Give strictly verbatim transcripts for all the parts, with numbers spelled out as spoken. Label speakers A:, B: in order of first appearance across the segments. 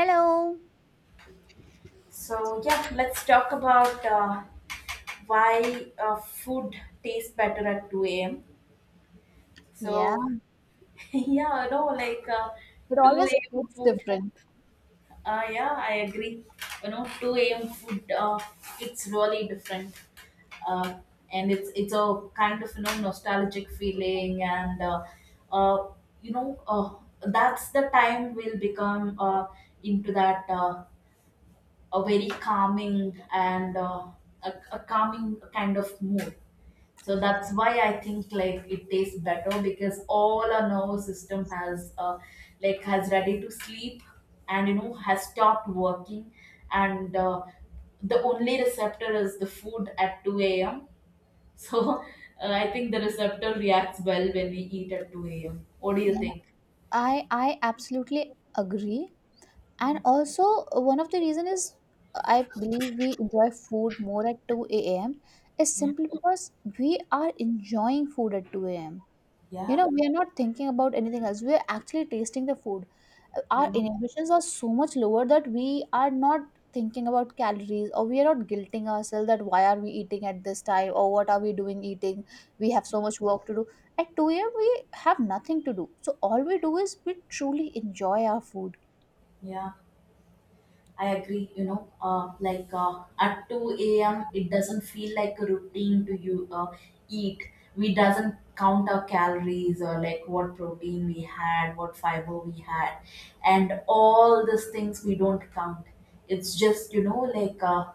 A: Hello.
B: So yeah, let's talk about uh, why uh, food tastes better at two a m.
A: Yeah,
B: So yeah, you know, like uh,
A: it
B: 2
A: always
B: a.m.
A: hits
B: food.
A: different.
B: Uh, yeah, I agree. You know, two a m food. Uh, it's really different, uh, and it's it's a kind of, you know nostalgic feeling, and uh, uh, you know uh, that's the time we'll become uh, into that. Uh, a very calming and uh, a, a calming kind of mood. So that's why I think like it tastes better because all our nervous system has uh, like has ready to sleep and you know has stopped working, and uh, the only receptor is the food at two a m. So uh, I think the receptor reacts well when we eat at two a m. What do you
A: Yeah,
B: think?
A: I I absolutely agree. And also, uh, one of the reason is, uh, I believe we enjoy food more at two a m is
B: Yeah.
A: simply because we are enjoying food at two a m. You
B: Yeah.
A: know, we are not thinking about anything else. We are actually tasting the food. Uh,
B: Yeah.
A: Our inhibitions are so much lower that we are not thinking about calories, or we are not guilting ourselves that why are we eating at this time, or what are we doing eating? We have so much work to do. At two a m, we have nothing to do. So all we do is we truly enjoy our food.
B: Yeah. I agree, you know, uh, like uh, at two a m, it doesn't feel like a routine to you uh, eat. We doesn't count our calories or like what protein we had, what fiber we had, and all these things we don't count. It's just, you know, like uh,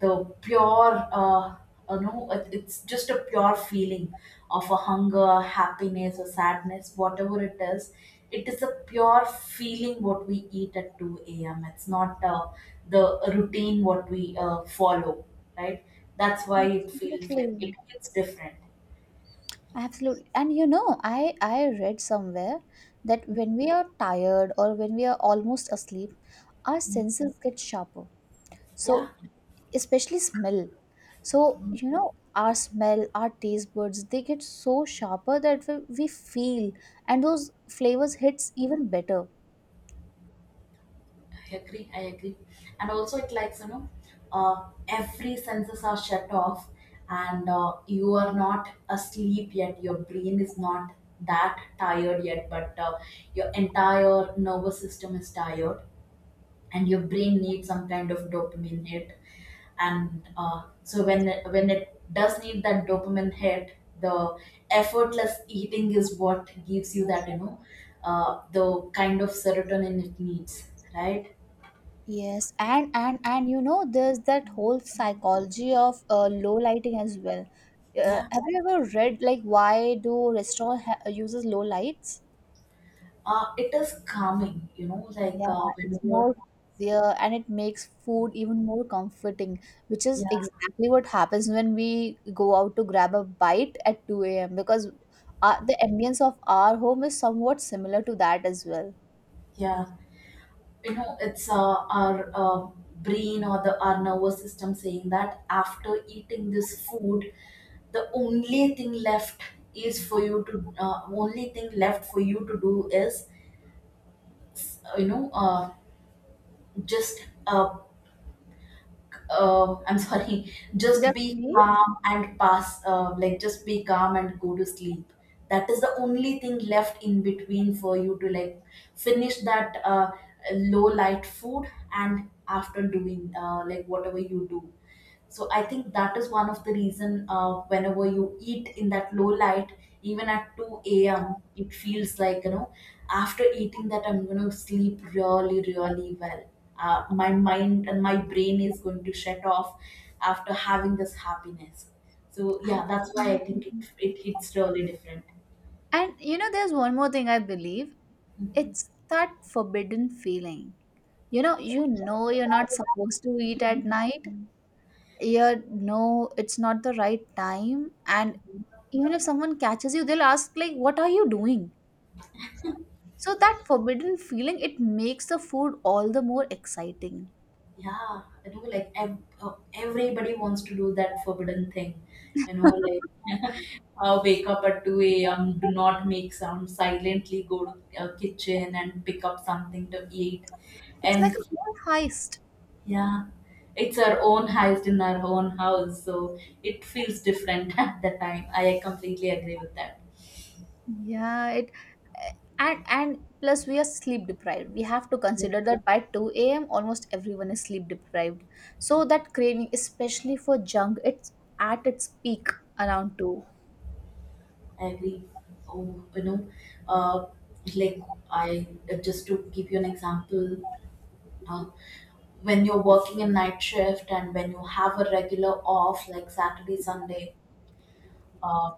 B: the pure uh, you know it, it's just a pure feeling of a hunger, happiness or sadness, whatever it is, it is a pure feeling what we eat at two a.m. It's not uh, the routine what we uh, follow, right? That's why it feels like
A: Absolutely.
B: it feels different.
A: Absolutely. And you know, I I read somewhere that when we are tired or when we are almost asleep, our
B: Yeah,
A: senses get sharper.
B: yeah,
A: So especially smell, so you know, our smell, our taste buds, they get so sharper that we we feel, and those flavors hits even better.
B: I agree. I agree. And also, it likes, you know, uh, every senses are shut off, and uh, you are not asleep yet. Your brain is not that tired yet, but uh, your entire nervous system is tired, and your brain needs some kind of dopamine hit. And uh, so when when it does need that dopamine hit, the effortless eating is what gives you that, you know, uh, the kind of serotonin it needs, right?
A: Yes, and and and you know, there's that whole psychology of uh, low lighting as well. Uh,
B: Yeah.
A: have you ever read like why do restaurant ha- uses low lights?
B: Uh, it is calming, you know, like
A: Yeah,
B: uh,
A: it's
B: whenever.
A: more easier, and it makes food even more comforting, which is
B: Yeah,
A: exactly what happens when we go out to grab a bite at two a m because uh, the ambience of our home is somewhat similar to that as well.
B: yeah, you know, it's uh, our uh, brain or the our nervous system saying that after eating this food, the only thing left is for you to, uh, only thing left for you to do is, uh, you know, uh, just uh, uh, I'm sorry, just
A: Just
B: be
A: me?
B: calm and pass, uh, like just be calm and go to sleep. That is the only thing left in between for you to like finish that uh, low light food and after doing uh, like whatever you do. So I think that is one of the reason, uh, whenever you eat in that low light, even at two a.m., it feels like, you know, after eating that I'm going to sleep really, really well. Uh, my mind and my brain is going to shut off after having this happiness. So yeah, that's why I think it,
A: Absolutely.
B: it hits really different.
A: And you know, there's one more thing I believe. It's that forbidden feeling. You know, you know you're not supposed to eat at night. You're no, it's not the right time, and
B: Mhm.
A: even if someone catches you, they'll ask like, what are you doing? So that forbidden feeling, it makes the food all the more exciting.
B: Yeah, you know, like ev- uh, everybody wants to do that forbidden thing. You know,
A: It's
B: like uh, wake up at two a m, do not make sound, silently go to uh, kitchen and pick up something to eat.
A: like
B: And
A: a whole heist.
B: yeah, it's our own heist in our own house, so it feels different at the time. I completely agree with that.
A: Yeah, it, and and plus we are sleep deprived. We have to
B: Yeah,
A: consider that by two a.m. almost everyone is sleep deprived. So that craving, especially for junk, it's at its peak around two.
B: I agree. Oh, you know, uh, like I uh, just to give you an example, uh, when you're working a night shift and when you have a regular off like Saturday, Sunday. uh,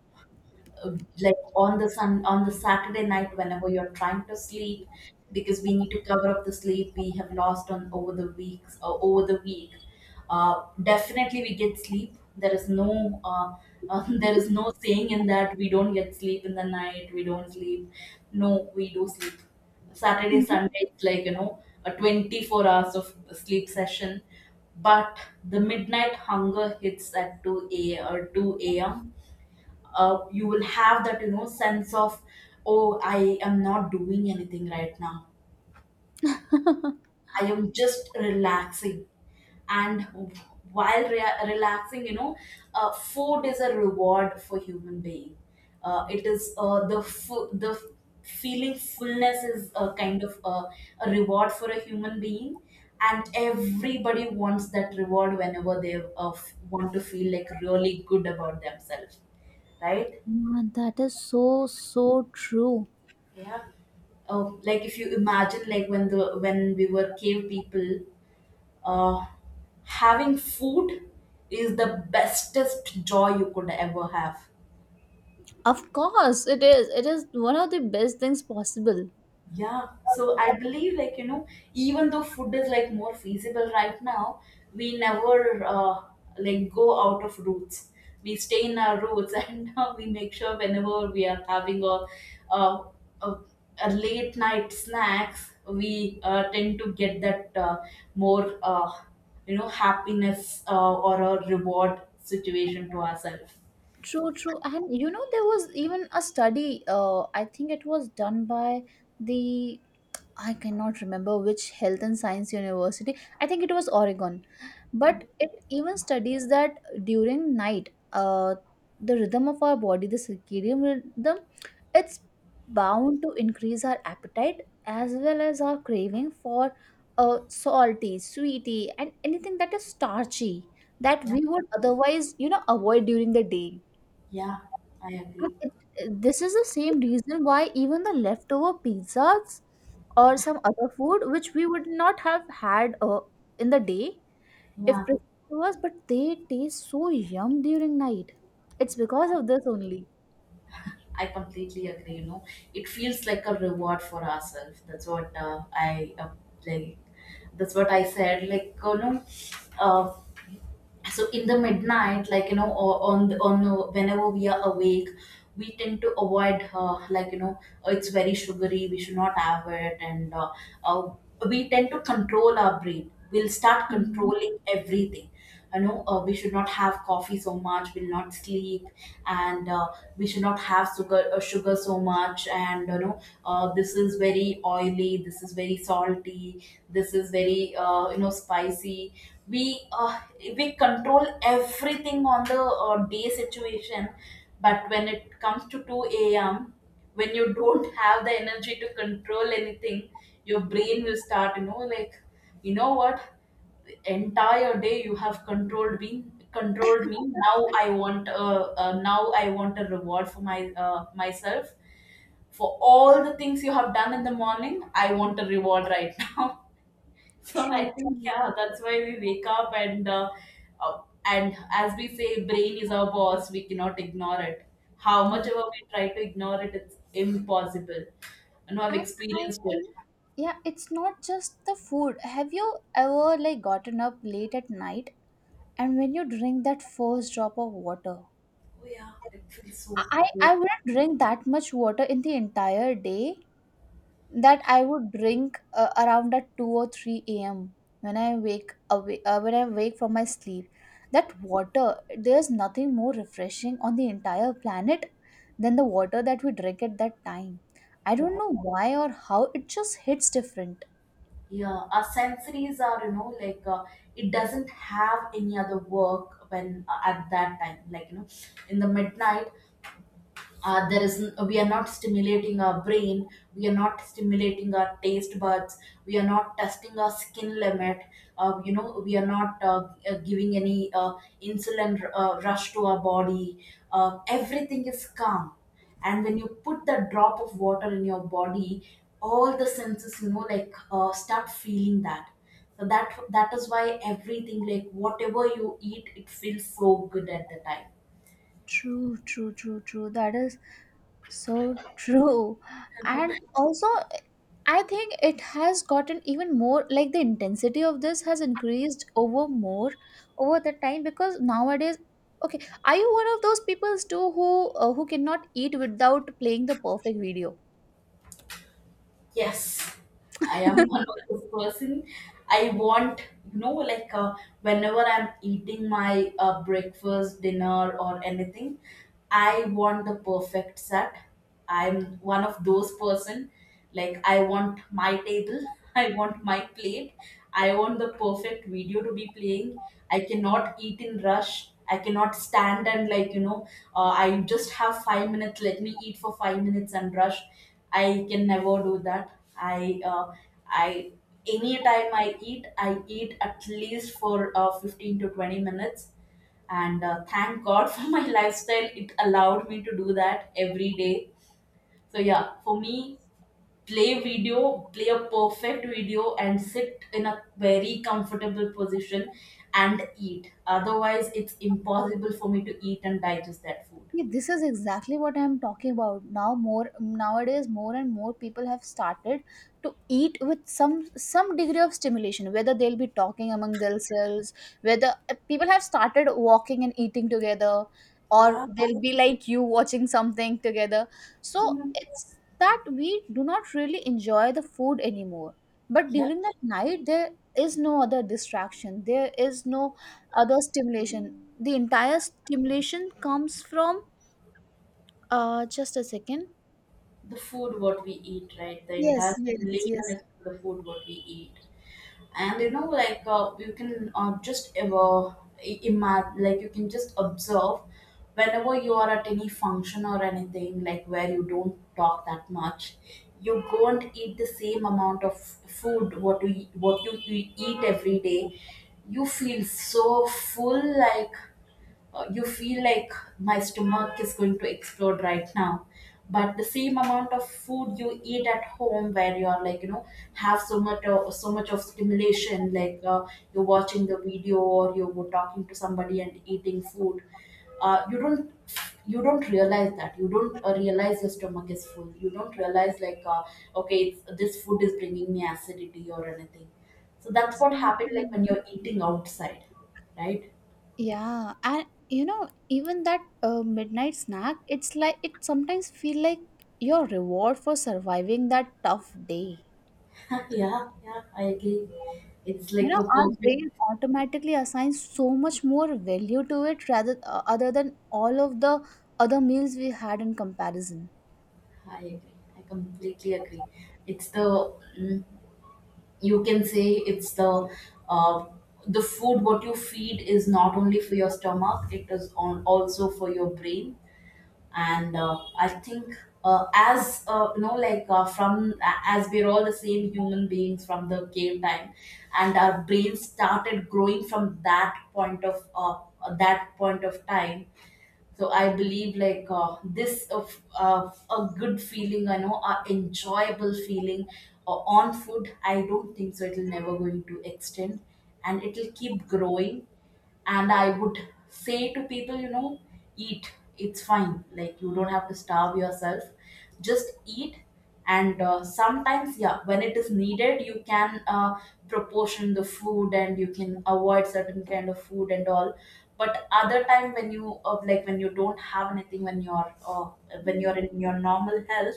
B: uh, like on the sun on the Saturday night, whenever you're trying to sleep, because we need to cover up the sleep we have lost on over the weeks or over the week. Uh, definitely we get sleep. There is no, uh, uh, there is no saying in that we don't get sleep in the night, we don't sleep. No, we do sleep. Saturday,
A: Mhm.
B: Sunday, it's like, you know, a twenty-four hours of sleep session. But the midnight hunger hits at two a or two a.m. Uh, you will have that, you know, sense of, "Oh, I am not doing anything right now, I am just relaxing." And while rea- relaxing, you know, uh, food is a reward for human being. Uh, it is uh, the fu- the f- feeling fullness is a kind of a, a reward for a human being. And everybody wants that reward whenever they uh, f- want to feel like really good about themselves, right?
A: Man, that is so so true.
B: Yeah. Oh, like if you imagine, like when the when we were cave people, uh, having food is the bestest joy you could ever have.
A: Of course, it is. It is one of the best things possible.
B: Yeah, so I believe, like, you know, even though food is like more feasible right now, we never uh, like go out of roots. We stay in our roots, and uh, we make sure whenever we are having a a, a, a late night snacks, we uh, tend to get that uh, more, uh, you know happiness, uh, or a reward situation to ourselves.
A: True, true. And you know, there was even a study. uh, I think it was done by the, I cannot remember which health and science university. I think it was Oregon. But it even studies that during night, uh, the rhythm of our body, the circadian rhythm, it's bound to increase our appetite as well as our craving for uh, salty, sweety, and anything that is starchy that
B: Yeah,
A: we would otherwise, you know, avoid during the day.
B: yeah, I
A: And
B: agree.
A: it- This is the same reason why even the leftover pizzas or some other food which we would not have had uh, in the day
B: Yeah.
A: if presented to us, but they taste so yum during night. It's because of this only.
B: I completely agree. You know, it feels like a reward for ourselves. That's what uh, I uh, like. That's what I said. Like, you know, uh, so in the midnight, like, you know, o- on the, on the- whenever we are awake, we tend to avoid, uh, like, you know, "Oh, it's very sugary, we should not have it," and uh, uh, we tend to control our brain, we'll start
A: Mhm.
B: controlling everything. You know, uh, we should not have coffee so much, we'll not sleep. And uh, we should not have sugar, uh, sugar so much. And you know, uh, this is very oily, this is very salty, this is very, uh, you know, spicy. We uh, we control everything on the uh, day situation. But when it comes to two a.m., when you don't have the energy to control anything, your brain will start, you know, like, "You know what, entire day you have controlled me, controlled me. Now I want, uh, uh, now i want a reward for my uh, myself for all the things you have done in the morning. I want a reward right now." So I
A: True,
B: think,
A: true.
B: yeah, that's why we wake up. And uh, uh, and as we say, brain is our boss. We cannot ignore it. How
A: Yeah.
B: much ever we try to ignore it, it's impossible. You know, I've
A: And I
B: experienced it.
A: think, yeah, it's not just the food. Have you ever like gotten up late at night and when you drink that first drop of water?
B: Oh yeah, it feels so
A: I
B: good.
A: I wouldn't drink that much water in the entire day that I would drink uh, around at two or three a m when I wake awake, uh, when I wake from my sleep. That water, there's nothing more refreshing on the entire planet than the water that we drink at that time. I don't know why or how, it just hits different.
B: Yeah, our sensories are, you know, like uh, it doesn't have any other work when, uh, at that time. Like, you know, in the midnight, uh, there is we are not stimulating our brain, we are not stimulating our taste buds, we are not testing our skin limit. Uh, you know, we are not, uh, uh, giving any uh, insulin r- uh, rush to our body. Uh, everything is calm, and when you put that drop of water in your body, all the senses, you know, like uh, start feeling that. So that that is why everything, like whatever you eat, it feels so good at the time.
A: True, true, true, true. That is so true. And also, I think it has gotten even more like the intensity of this has increased over more over the time, because nowadays, okay, are you one of those peoples too who uh, who cannot eat without playing the perfect video?
B: Yes, I am one of those person. I want, you know, like uh, whenever I'm eating my uh, breakfast, dinner, or anything, I want the perfect set. I'm one of those person. Like, I want my table, I want my plate, I want the perfect video to be playing. I cannot eat in rush. I cannot stand and, like, you know, uh, I just have five minutes. Let me eat for five minutes and rush. I can never do that. I uh, I Anytime I eat, I eat at least for uh, fifteen to twenty minutes. And uh, thank God for my lifestyle, it allowed me to do that every day. So yeah, for me, play video, play a perfect video, and sit in a very comfortable position and eat. Otherwise, it's impossible for me to eat and digest that food.
A: See, this is exactly what I'm talking about. Now, more nowadays, more and more people have started to eat with some some degree of stimulation. Whether they'll be talking among themselves, whether uh, people have started walking and eating together, or
B: Yeah.
A: they'll be like you watching something together. So it's that we do not really enjoy the food anymore. But
B: Yeah.
A: during that night, there is no other distraction. There is no other stimulation. The entire stimulation comes from uh, just a second.
B: The food what we eat, right? The
A: Yes,
B: entire
A: yes,
B: simulation
A: yes.
B: is the food what we eat, and you know, like uh, you can uh, just ever imagine, like you can just observe whenever you are at any function or anything, like where you don't talk that much, you go and eat the same amount of food what you what you, you eat every day. You feel so full, like uh, you feel like, "My stomach is going to explode right now." But the same amount of food you eat at home where you're like, you know, have so much of so much of stimulation, like uh, you're watching the video or you're talking to somebody and eating food. Uh, you don't you don't realize that you don't, uh, realize your stomach is full. You don't realize, like, uh, okay, it's, this food is bringing me acidity or anything. So that's
A: Thanks.
B: what happened, like
A: Mhm.
B: when you're eating outside, right?
A: Yeah, and you know, even that uh, midnight snack, it's like it sometimes feel like your reward for surviving that tough day.
B: Yeah, yeah, I agree. It's
A: You
B: like
A: know,
B: a
A: our
B: perfect.
A: brain automatically assigns so much more value to it rather, uh, other than all of the other meals we had in comparison.
B: I agree. I completely agree. It's the, mm, you can say, it's the uh, the food what you feed is not only for your stomach. It is on also for your brain. And uh, I think, uh, as, uh, you know, like uh, from a- as we're all the same human beings from the cave time, and our brains started growing from that point of uh, that point of time. So I believe, like, uh, this of, uh, a good feeling, I know, a enjoyable feeling uh, on food, I don't think so it'll never going to extend, and it'll keep growing. And I would say to people, you know, eat. It's fine, like you don't have to starve yourself, just eat. And uh, sometimes, yeah, when it is needed, you can uh, proportion the food and you can avoid certain kind of food and all. But other time when you, uh, like when you don't have anything, when you're uh, when you're in your normal health,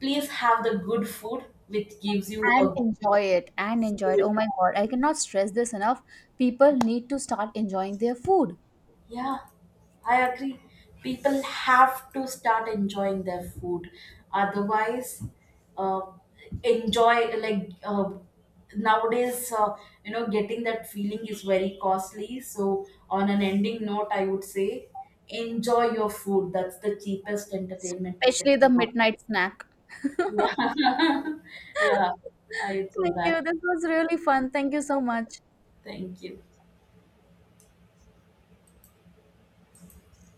B: please have the good food which gives you
A: And
B: a
A: enjoy it, and enjoy it. Oh
B: good.
A: my God, I cannot stress this enough. People need to start enjoying their food,
B: Yeah, I agree. People have to start enjoying their food. Otherwise, uh, enjoy, like uh, nowadays, uh, you know, getting that feeling is very costly. So, on an ending note, I would say, enjoy your food. That's the cheapest entertainment you can
A: especially the
B: have.
A: midnight snack.
B: Yeah, yeah, I would say
A: Thank you.
B: that.
A: This was really fun. Thank you so much.
B: Thank you.